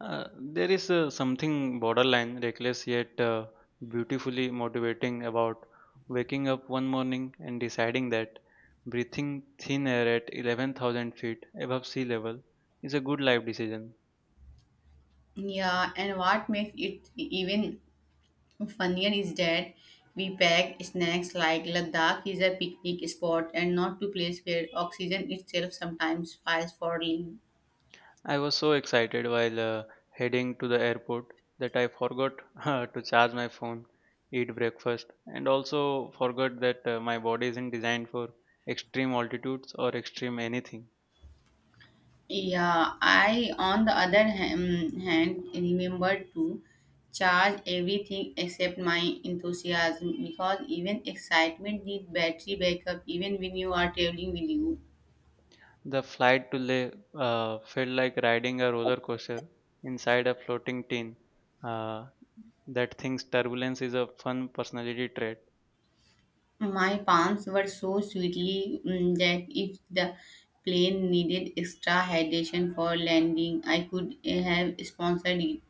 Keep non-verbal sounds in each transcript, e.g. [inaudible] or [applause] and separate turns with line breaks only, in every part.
There is something borderline reckless yet beautifully motivating about waking up one morning and deciding that breathing thin air at 11,000 feet above sea level is a good life decision.
Yeah, and what makes it even funnier is that we pack snacks like Ladakh is a picnic spot and not to place where oxygen itself sometimes files for leave.
I was so excited while heading to the airport that I forgot [laughs] to charge my phone, eat breakfast, and also forgot that my body isn't designed for extreme altitudes or extreme anything.
Yeah, I on the other hand remembered to charge everything except my enthusiasm because even excitement needs battery backup even when you are traveling with you.
The flight delay felt like riding a roller coaster inside a floating tin. Uh, that thinks turbulence is a fun personality trait.
My palms were so sweetly that if the plane needed extra hydration for landing, I could have sponsored it.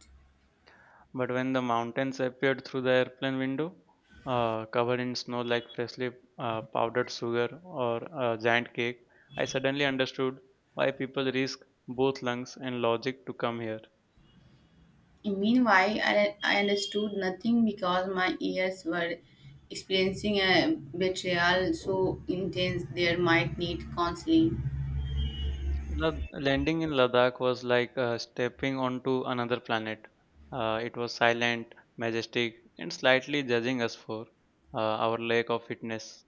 But when the mountains appeared through the airplane window, covered in snow like freshly powdered sugar or a giant cake, I suddenly understood why people risk both lungs and logic to come here.
Meanwhile, I understood nothing because my ears were experiencing a betrayal so intense they might need counseling.
Landing in Ladakh was like stepping onto another planet. It was silent, majestic, and slightly judging us for our lack of fitness.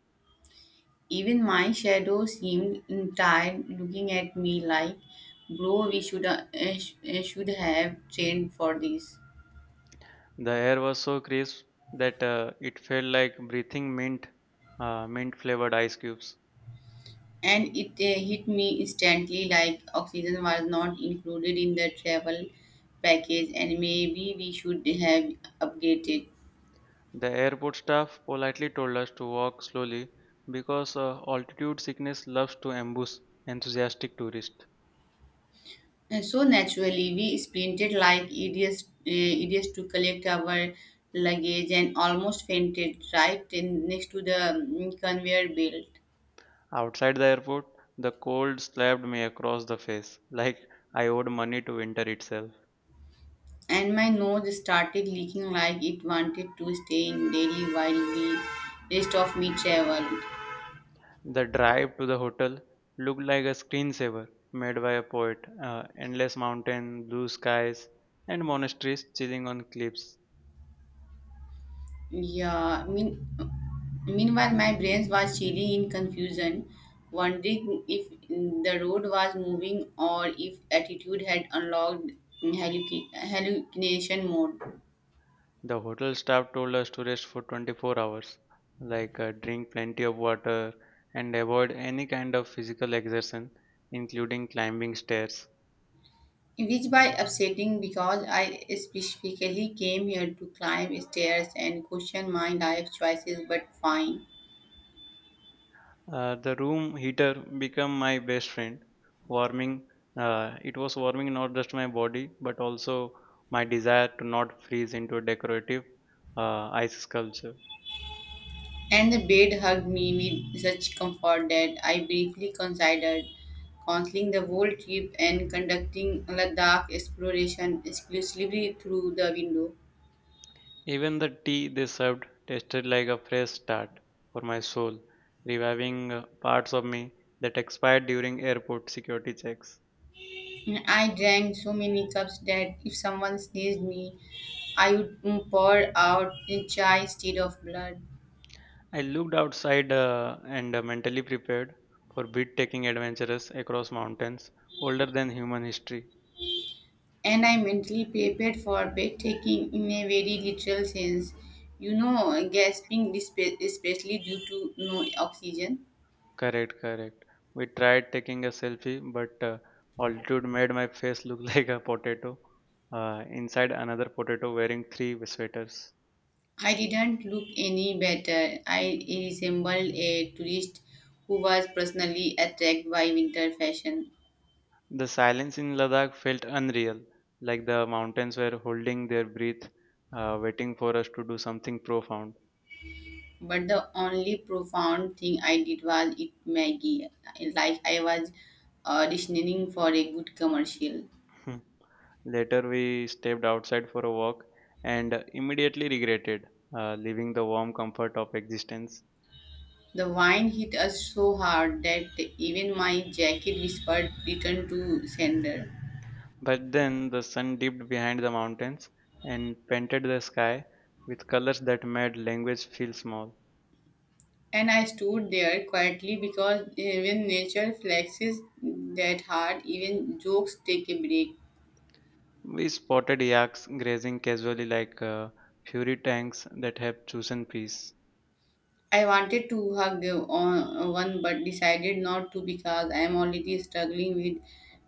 Even my shadow seemed tired, looking at me like, "Bro, we should should have trained for this."
The air was so crisp that it felt like breathing mint, mint-flavored ice cubes.
And it hit me instantly like oxygen was not included in the travel package and maybe we should have updated.
The airport staff politely told us to walk slowly because altitude sickness loves to ambush enthusiastic tourists.
And so naturally we sprinted like idiots to collect our luggage and almost fainted right in, next to the conveyor belt.
Outside the airport, the cold slapped me across the face, like I owed money to winter itself.
And my nose started leaking like it wanted to stay in daily while the rest of me traveled.
The drive to the hotel looked like a screensaver made by a poet. Endless mountain, blue skies, and monasteries chilling on cliffs.
Yeah, mean, meanwhile, my brain was chilling in confusion, wondering if the road was moving or if attitude had unlocked hallucination mode,
The hotel staff told us to rest for 24 hours, like drink plenty of water and avoid any kind of physical exertion, including climbing stairs.
which by upsetting because I specifically came here to climb stairs and question my life choices, but fine.
The room heater became my best friend, warming. It was warming not just my body, but also my desire to not freeze into a decorative ice sculpture.
And the bed hugged me with such comfort that I briefly considered cancelling the whole trip and conducting Ladakh exploration exclusively through the window.
Even the tea they served tasted like a fresh start for my soul, reviving parts of me that expired during airport security checks.
And I drank so many cups that if someone sneezed me, I would pour out in chai instead of blood.
I looked outside and mentally prepared for breathtaking adventures across mountains older than human history.
And I mentally prepared for breathtaking in a very literal sense. You know, gasping, especially due to no oxygen.
Correct, correct. We tried taking a selfie, but altitude made my face look [laughs] like a potato inside another potato wearing three sweaters.
I didn't look any better. I resembled a tourist who was personally attracted by winter fashion.
The silence in Ladakh felt unreal, like the mountains were holding their breath, waiting for us to do something profound.
But the only profound thing I did was eat Maggie, like I was auditioning for a good commercial.
[laughs] Later, we stepped outside for a walk and immediately regretted leaving the warm comfort of existence.
The wine hit us so hard that even my jacket whispered return to sender.
But then the sun dipped behind the mountains and painted the sky with colors that made language feel small.
And I stood there quietly because even nature flexes that hard, even jokes take a break.
We spotted yaks grazing casually like fury tanks that have chosen peace.
I wanted to hug on one but decided not to because I am already struggling with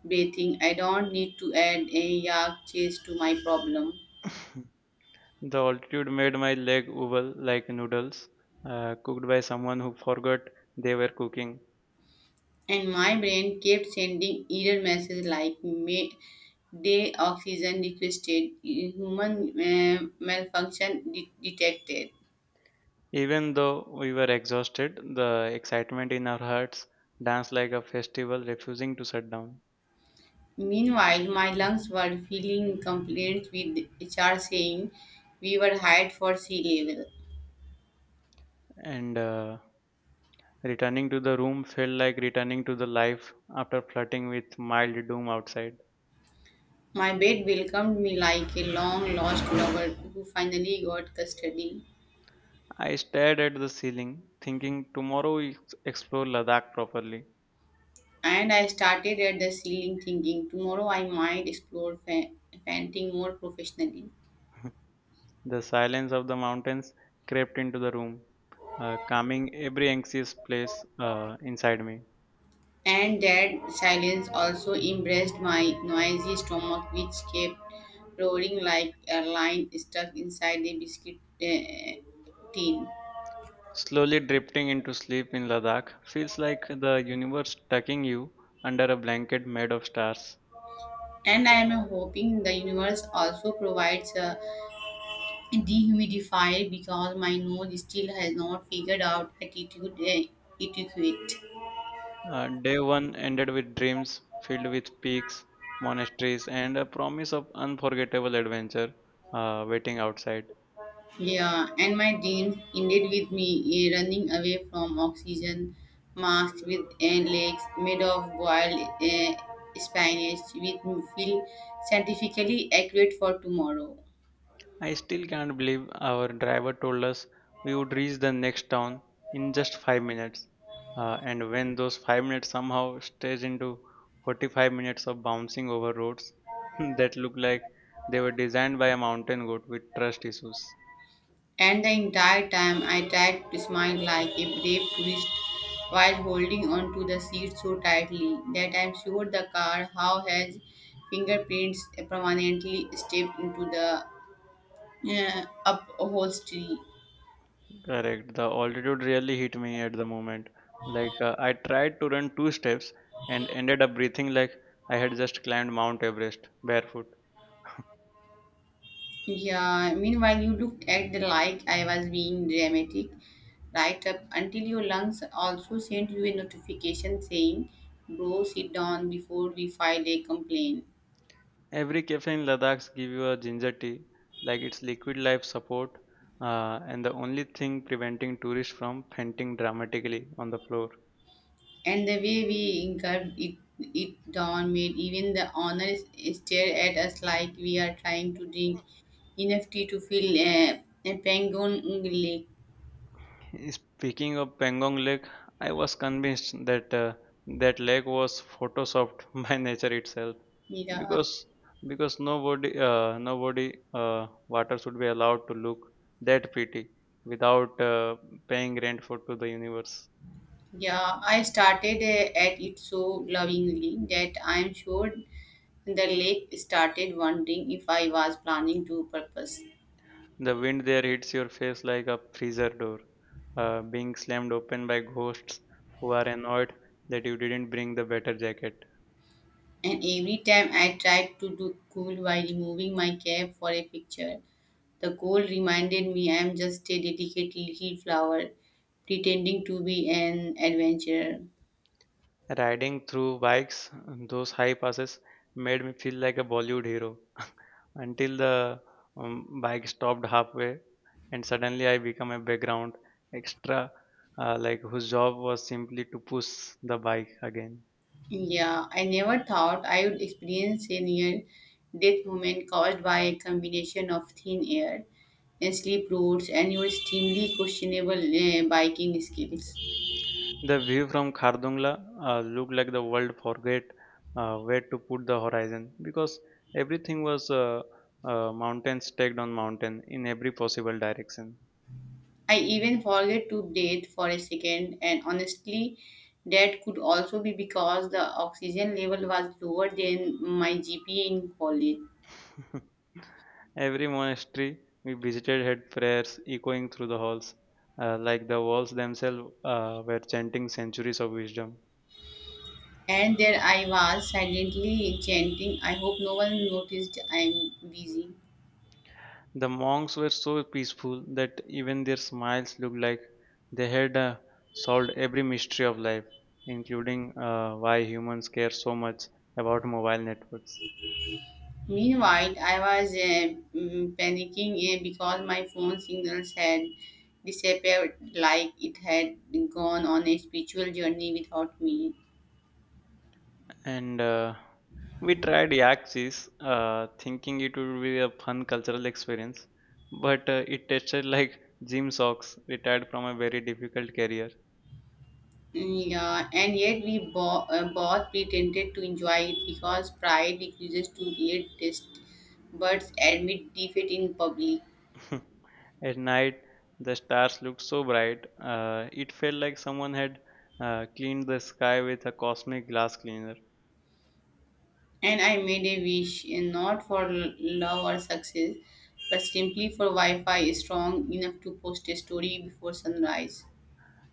breathing. I don't need to add a yak chase to my problem.
The altitude made my leg wobble like noodles cooked by someone who forgot they were cooking.
And my brain kept sending error messages like may day oxygen requested, human malfunction detected.
Even though we were exhausted, the excitement in our hearts danced like a festival refusing to shut down.
Meanwhile, my lungs were feeling complaints with HR saying we were hired for sea level.
And Returning to the room felt like returning to the life after flirting with mild doom outside.
My bed welcomed me like a long lost lover who finally got custody.
I stared at the ceiling, thinking tomorrow we explore Ladakh properly.
And I started at the ceiling thinking tomorrow I might explore painting more professionally.
The silence of the mountains crept into the room, calming every anxious place inside me.
And that silence also embraced my noisy stomach, which kept roaring like a lion stuck inside a biscuit tin.
Slowly drifting into sleep in Ladakh feels like the universe tucking you under a blanket made of stars.
And I am hoping the universe also provides a dehumidifier because my nose still has not figured out attitude etiquette.
Day one ended with dreams filled with peaks, monasteries, and a promise of unforgettable adventure waiting outside.
Yeah, and my dreams ended with me running away from oxygen masks with legs made of boiled spinach, which feel scientifically accurate for tomorrow.
I still can't believe our driver told us we would reach the next town in just 5 minutes. And when those 5 minutes somehow stretched into 45 minutes of bouncing over roads [laughs] that looked like they were designed by a mountain goat with trust issues.
And the entire time I tried to smile like a brave tourist while holding on to the seat so tightly that I'm sure the car how has fingerprints permanently stepped into the upholstery.
Correct. The altitude really hit me at the moment. Like I tried to run two steps and ended up breathing like I had just climbed Mount Everest barefoot.
Yeah, meanwhile you looked at the like I was being dramatic right up until your lungs also sent you a notification saying, Bro, sit down before we file a complaint.
Every cafe in Ladakh give you a ginger tea, like it's liquid life support, and the only thing preventing tourists from fainting dramatically on the floor.
And the way we incurred it, it down made even the owners stare at us like we are trying to drink enough tea to fill a penguin lake.
Speaking of Pangong Lake, I was convinced that that lake was photoshopped [laughs] by nature itself,
Yeah,
because nobody water should be allowed to look that pretty without paying rent for to the universe.
yeah. I started at it so lovingly that I'm sure the lake started wondering if I was planning to purpose.
The wind there hits your face like a freezer door, being slammed open by ghosts who are annoyed that you didn't bring the better jacket.
And every time I tried to look cool while removing my cap for a picture, the cold reminded me I am just a delicate little flower pretending to be an adventurer.
Riding through bikes, those high passes made me feel like a Bollywood hero [laughs] until the bike stopped halfway and suddenly I become a background extra like whose job was simply to push the bike again.
Yeah, I never thought I would experience a near death moment caused by a combination of thin air and slip roads and your extremely questionable biking skills.
The view from Khardungla looked like the world forget where to put the horizon because everything was mountain stacked on mountain in every possible direction.
I even forget to breathe for a second, and honestly, that could also be because the oxygen level was lower than my GPA in college.
[laughs] Every monastery we visited had prayers echoing through the halls, like the walls themselves were chanting centuries of wisdom.
And there I was silently chanting, I hope no one noticed I'm busy.
The monks were so peaceful that even their smiles looked like they had solved every mystery of life, including why humans care so much about mobile networks.
Meanwhile, I was panicking because my phone signals had disappeared like it had gone on a spiritual journey without me.
And we tried Yaxis, thinking it would be a fun cultural experience, but it tasted like gym socks retired from a very difficult career.
Yeah, and yet we both pretended to enjoy it because pride refuses to read test but admit defeat in public.
[laughs] At night, the stars looked so bright, it felt like someone had cleaned the sky with a cosmic glass cleaner.
And I made a wish not for love or success, but simply for Wi Fi strong enough to post a story before sunrise.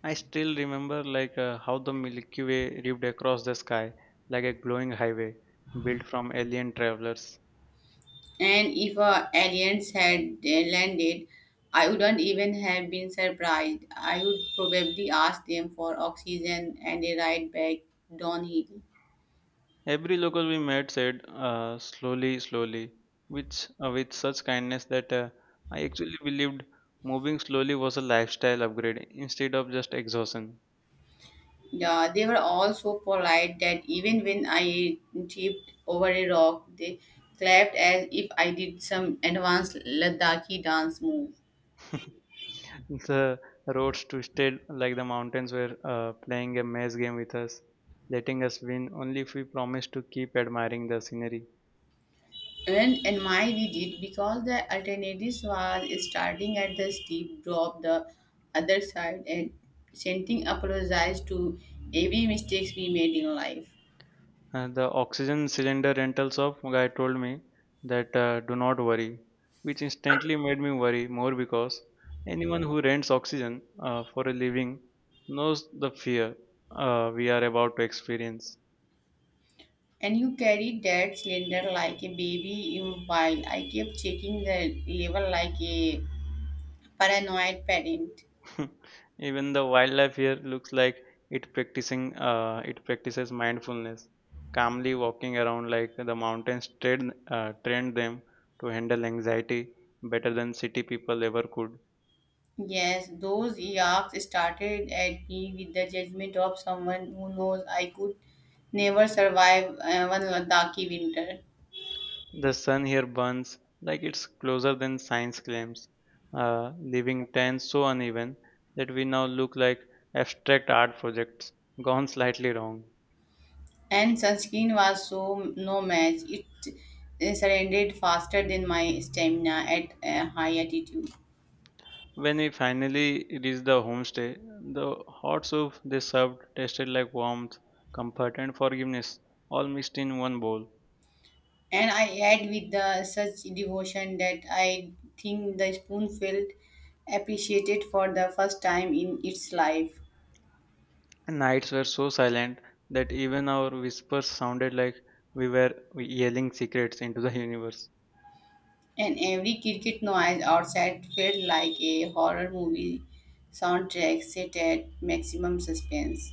I still remember like how the Milky Way ripped across the sky like a glowing highway built from alien travelers.
And if aliens had landed, I wouldn't even have been surprised. I would probably ask them for oxygen and a ride back downhill.
Every local we met said slowly, slowly, which with such kindness that I actually believed moving slowly was a lifestyle upgrade instead of just exhaustion.
Yeah, they were all so polite that even when I tripped over a rock, they clapped as if I did some advanced Ladakhi dance move.
[laughs] The roads twisted like the mountains were playing a maze game with us, letting us win only if we promised to keep admiring the scenery.
And my we did because the alternatives was starting at the steep drop the other side and sending apologize to every mistakes we made in life.
And the oxygen cylinder rentals of guy told me that do not worry, which instantly made me worry more because anyone who rents oxygen for a living knows the fear we are about to experience.
And you carried that cylinder like a baby in while I kept checking the level like a paranoid parent.
[laughs] Even the wildlife here looks like it practices mindfulness, calmly walking around like the mountains trained them to handle anxiety better than city people ever could.
Yes, those yucks started at me with the judgment of someone who knows I could never survive one Ladakhi winter.
The sun here burns like it's closer than science claims, leaving tans so uneven that we now look like abstract art projects gone slightly wrong.
And sunscreen was so no match. It surrendered faster than my stamina at a high altitude.
When we finally reached the homestay, the hot soup they served tasted like warmth, comfort, and forgiveness, all mixed in one bowl.
And I ate with the, such devotion that I think the spoon felt appreciated for the first time in its life.
Nights were so silent that even our whispers sounded like we were yelling secrets into the universe.
And every cricket noise outside felt like a horror movie soundtrack set at maximum suspense.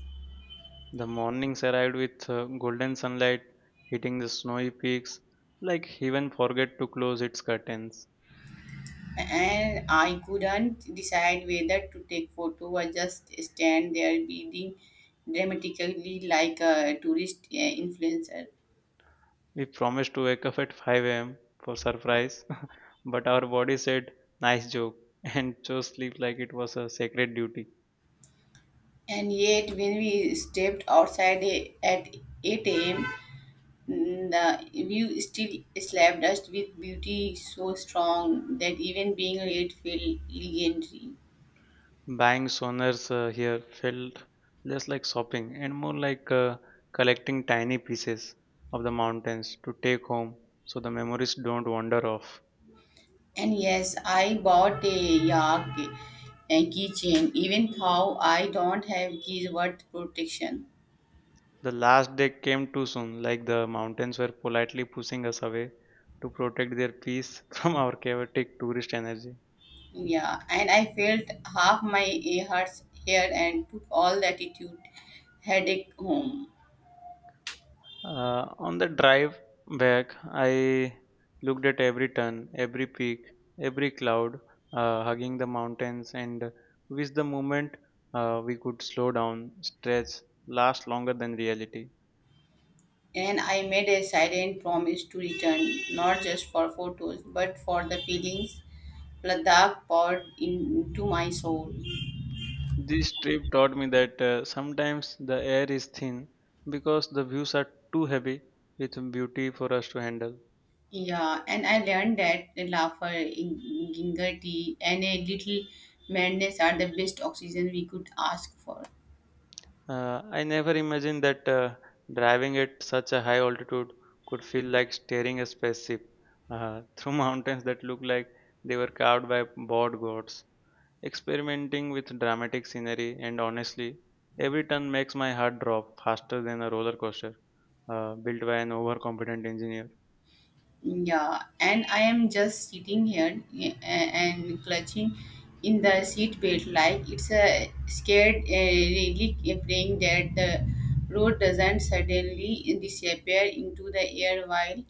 The mornings arrived with golden sunlight hitting the snowy peaks, like heaven forget to close its curtains.
And I couldn't decide whether to take photo or just stand there breathing dramatically like a tourist influencer.
We promised to wake up at 5 a.m. for surprise, [laughs] but our body said, nice joke, [laughs] and chose sleep like it was a sacred duty.
And yet, when we stepped outside at 8 a.m., mm, the view still slapped us with beauty so strong that even being late felt legendary.
Buying sonars here felt less like shopping and more like collecting tiny pieces of the mountains to take home so the memories don't wander off.
And yes, I bought a yak and keychain, even though I don't have keys worth protection.
The last day came too soon, like the mountains were politely pushing us away to protect their peace [laughs] from our chaotic tourist energy.
Yeah, and I felt half my ears here and took all the attitude headache home.
On the drive back, I looked at every turn, every peak, every cloud, hugging the mountains, and with the moment we could slow down, stretch, last longer than reality.
And I made a silent promise to return, not just for photos, but for the feelings Ladakh poured into my soul.
This trip taught me that sometimes the air is thin because the views are too heavy with beauty for us to handle.
Yeah, and I learned that the laughter, ginger tea, and a little madness are the best oxygen we could ask for.
I never imagined that driving at such a high altitude could feel like steering a spaceship through [laughs] mountains that look like they were carved by bored gods. Experimenting with dramatic scenery, and honestly, every turn makes my heart drop faster than a roller coaster built by an overconfident engineer.
Yeah, and I am just sitting here and clutching in the seat belt like it's a scared relic praying that the road doesn't suddenly disappear into the air while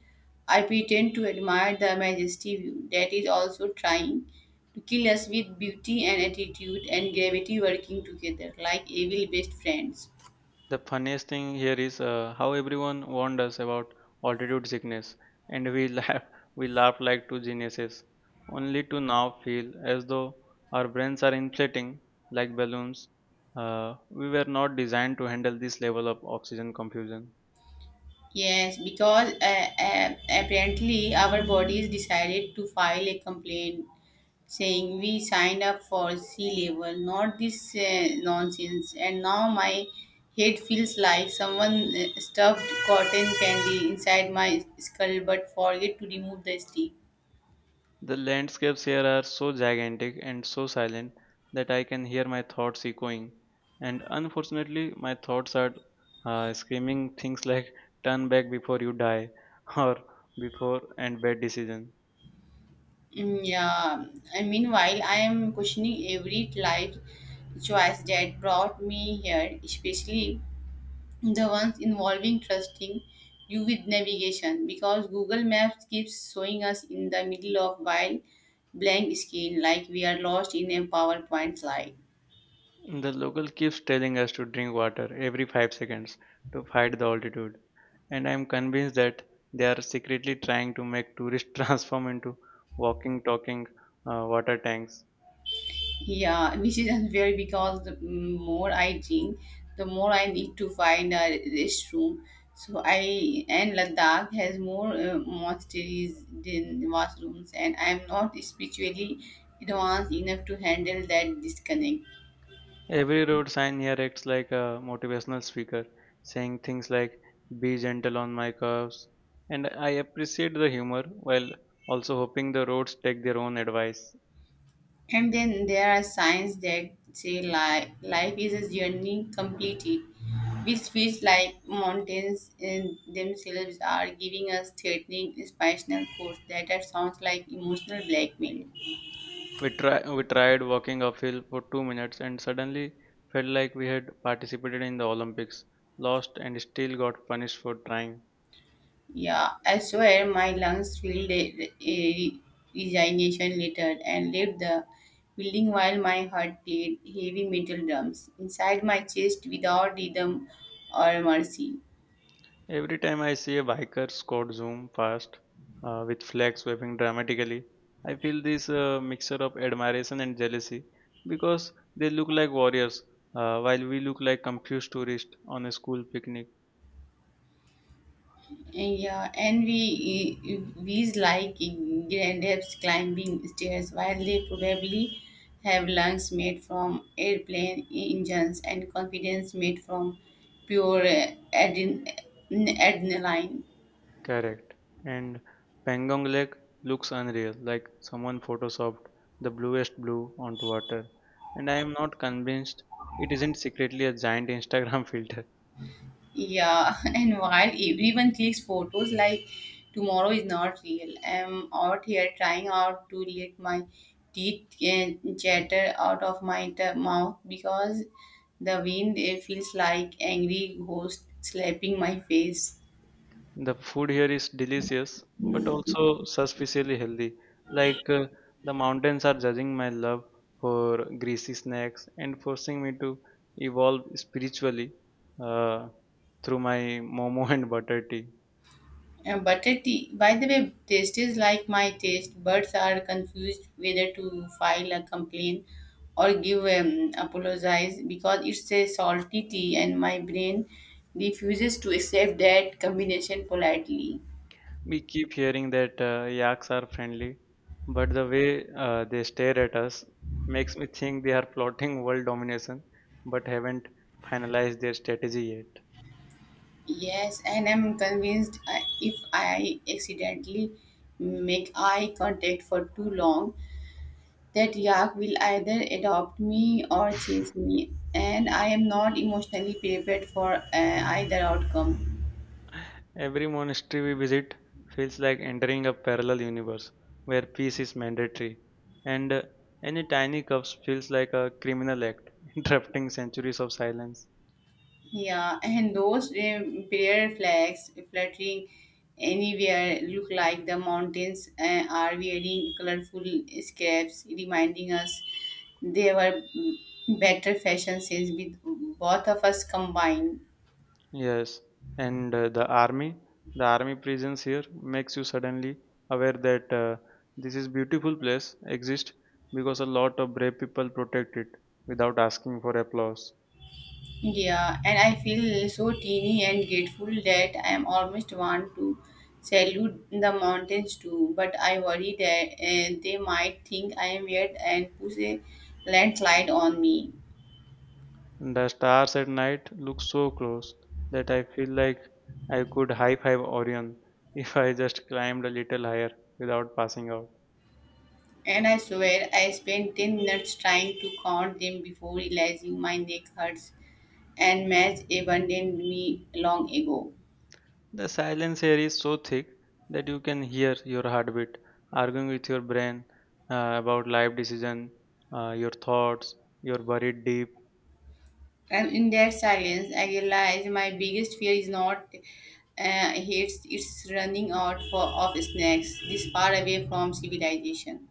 I pretend to admire the majesty view that is also trying to kill us with beauty and attitude and gravity working together like evil best friends.
The funniest thing here is how everyone warned us about altitude sickness, and we [laughs] laugh, we laugh like two geniuses, only to now feel as though our brains are inflating like balloons. We were not designed to handle this level of oxygen confusion.
Yes, because apparently our bodies decided to file a complaint saying we signed up for sea level, not this nonsense. And now my head feels like someone stuffed cotton candy inside my skull but forget to remove the stick.
The landscapes here are so gigantic and so silent that I can hear my thoughts echoing. And unfortunately, my thoughts are screaming things like turn back before you die [laughs] or before and bad decision.
Yeah, and meanwhile, I am questioning every life choice that brought me here, especially the ones involving trusting you with navigation because google maps keeps showing us in the middle of wild blank screen like we are lost in a powerpoint slide.
The local keeps telling us to drink water every 5 seconds to fight the altitude. And I am convinced that they are secretly trying to make tourists [laughs] transform into walking, talking water tanks.
Yeah, [laughs] which is unfair because the more I drink the more I need to find a restroom, so I and Ladakh has more monasteries than washrooms and I am not spiritually advanced enough to handle that disconnect.
Every road sign here acts like a motivational speaker, saying things like, be gentle on my curves. And I appreciate the humor while also hoping the roads take their own advice.
And then there are signs that say life is a journey completed, which feels like mountains in themselves are giving us threatening inspirational quotes that are sounds like emotional blackmail.
We tried walking uphill for 2 minutes and suddenly felt like we had participated in the Olympics, lost, and still got punished for trying.
Yeah, I swear my lungs filled a resignation letter and left the building while my heart played heavy metal drums inside my chest without rhythm or mercy.
Every time I see a biker squad zoom past with flags waving dramatically, I feel this mixture of admiration and jealousy because they look like warriors while we look like confused tourists on a school picnic.
Yeah, and we bees like grandparents climbing stairs while they probably have lungs made from airplane engines and confidence made from pure adren- adrenaline.
Correct. And Pangong Lake looks unreal, like someone photoshopped the bluest blue onto water. And I am not convinced it isn't secretly a giant Instagram [laughs] filter.
Yeah, [laughs] and while everyone clicks photos like tomorrow is not real, I'm out here trying out to let my teeth chatter out of my mouth because the wind feels like angry ghost slapping my face.
The food here is delicious, but also suspiciously healthy. Like, the mountains are judging my love for greasy snacks and forcing me to evolve spiritually uh, through my momo [laughs] and butter tea.
And butter tea, by the way, taste is like my taste. Birds are confused whether to file a complaint or give apologize because it's a salty tea, and my brain refuses to accept that combination politely.
We keep hearing that yaks are friendly, but the way they stare at us makes me think they are plotting world domination, but haven't finalized their strategy yet.
Yes, and I'm convinced if I accidentally make eye contact for too long, that yak will either adopt me or chase me, and I am not emotionally prepared for either outcome.
Every monastery we visit feels like entering a parallel universe where peace is mandatory, and any tiny cups feels like a criminal act, [laughs] interrupting centuries of silence.
Yeah, and those prayer flags fluttering anywhere look like the mountains are wearing colorful scraps, reminding us they were better fashion sense with both of us combined.
Yes, and the army presence here makes you suddenly aware that this is beautiful place exists because a lot of brave people protect it without asking for applause.
Yeah, and I feel so teeny and grateful that I am almost want to salute the mountains too, but I worry that they might think I am weird and push a landslide on me.
The stars at night look so close that I feel like I could high five Orion [laughs] if I just climbed a little higher without passing out.
And I swear I spent 10 minutes trying to count them before realizing my neck hurts and Madge abandoned me long ago.
The silence here is so thick that you can hear your heartbeat arguing with your brain about life decision, your thoughts, your buried deep.
And in that silence, I realized my biggest fear is not it's running out for, of snacks this far away from civilization.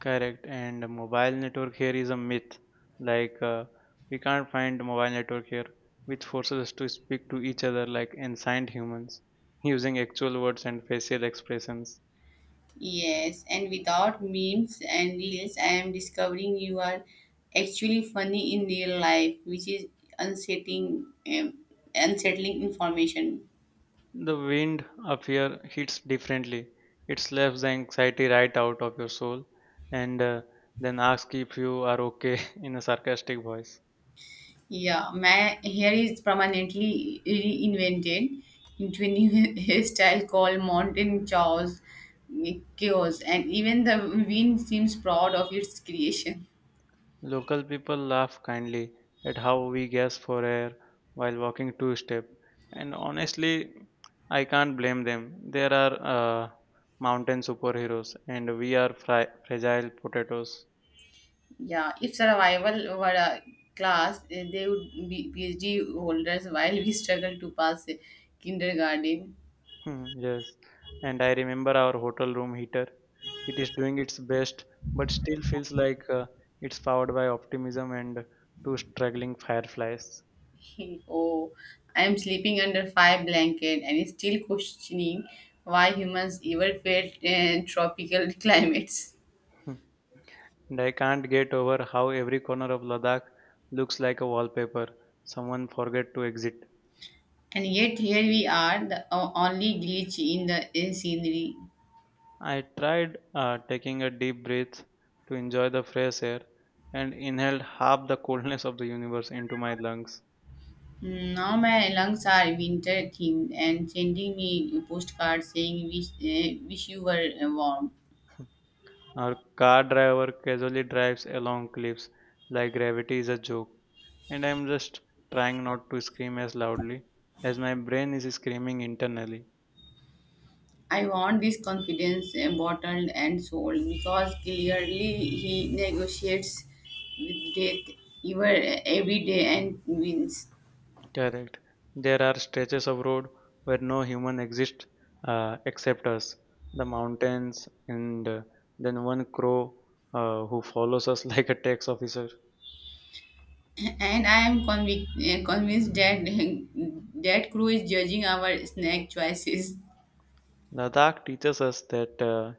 Correct, and mobile network here is a myth. Like, we can't find mobile network here, which forces us to speak to each other like ancient humans, using actual words and facial expressions.
Yes, and without memes and reels, I am discovering you are actually funny in real life, which is unsettling, um, unsettling information.
The wind up here hits differently. It slaps the anxiety right out of your soul, and then asks if you are okay [laughs] in a sarcastic voice.
Yeah, my hair is permanently reinvented into a new [laughs] hairstyle called Mountain Chaos, and even the wind seems proud of its creation.
Local people laugh kindly at how we gasp for air while walking two step, and honestly, I can't blame them. There are uh, mountain superheroes, and we are fragile potatoes.
Yeah, if survival were a class, they would be PhD holders while we struggle to pass kindergarten.
Hmm, yes, and I remember our hotel room heater. It is doing its best, but still feels like it's powered by optimism and two struggling fireflies.
[laughs] Oh, I am sleeping under five blanket and still questioning why humans ever felt tropical [laughs] climates.
[laughs] And I can't get over how every corner of Ladakh looks like a wallpaper. Someone forget to exit.
And yet here we are, the only glitch in the scenery.
I tried taking a deep breath to enjoy the fresh air and inhaled half the coldness of the universe into my lungs.
Now my lungs are winter themed and sending me postcards saying wish you were warm.
Our car driver casually drives along cliffs like gravity is a joke, and I'm just trying not to scream as loudly as my brain is screaming internally.
I want this confidence bottled and sold because clearly he negotiates with death every day and wins.
Correct. There are stretches of road where no human exists except us, the mountains, and then one crow who follows us [laughs] like a tax officer.
And I am convinced that [laughs] that crew is judging our snack choices.
Ladakh teaches us that uh,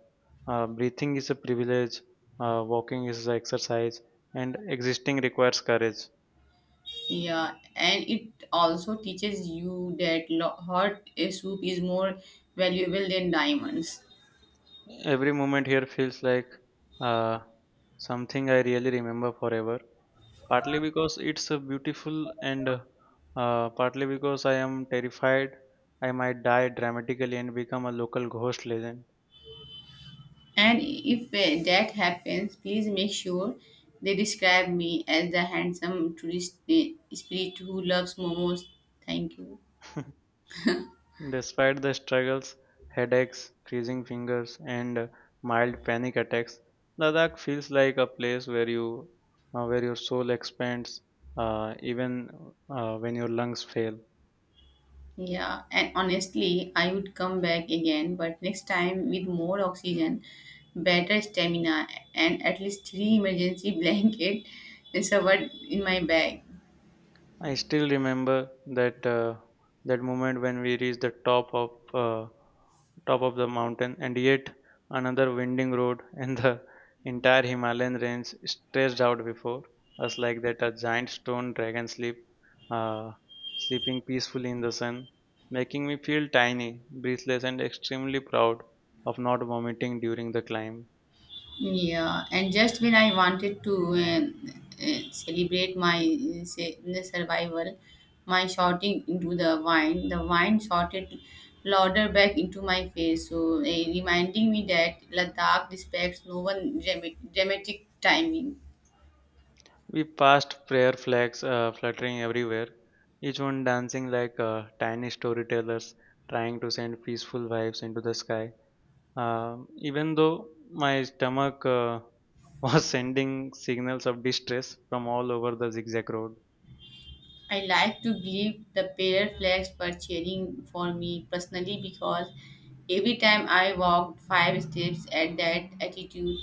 uh, breathing is a privilege, walking is an exercise, and existing requires courage.
Yeah, and it also teaches you that hot soup is more valuable than diamonds.
Every moment here feels like uh, something I really remember forever. Partly because it's beautiful, and partly because I am terrified I might die dramatically and become a local ghost legend.
And if that happens, please make sure they describe me as the handsome tourist spirit who loves momos. Thank you.
Despite the struggles, headaches, freezing fingers, and mild panic attacks, Ladakh feels like a place where you, where your soul expands, even when your lungs fail.
Yeah, and honestly, I would come back again, but next time with more oxygen, better stamina, and at least three emergency [laughs] blanket covered in my bag.
I still remember that that moment when we reached the top of the mountain, and yet another winding road [laughs] and the entire Himalayan range stretched out before us like that a giant stone uh, sleeping peacefully in the sun, making me feel tiny, breathless, and extremely proud of not vomiting during the climb.
Yeah, and just when I wanted to celebrate my survival, my shouting into the wine shouted louder back into my face, so reminding me that Ladakh respects no one dramatic timing.
We passed prayer flags fluttering everywhere, each one dancing like tiny storytellers trying to send peaceful vibes into the sky. Even though my stomach [laughs] was sending signals of distress from all over the zigzag road,
I like to believe the pair flags were cheering for me personally because every time I walked five steps at that altitude,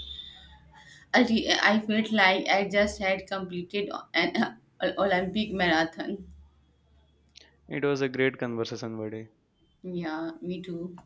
I felt like I just had completed an [laughs] Olympic marathon.
it was a great conversation buddy.
Yeah, me too.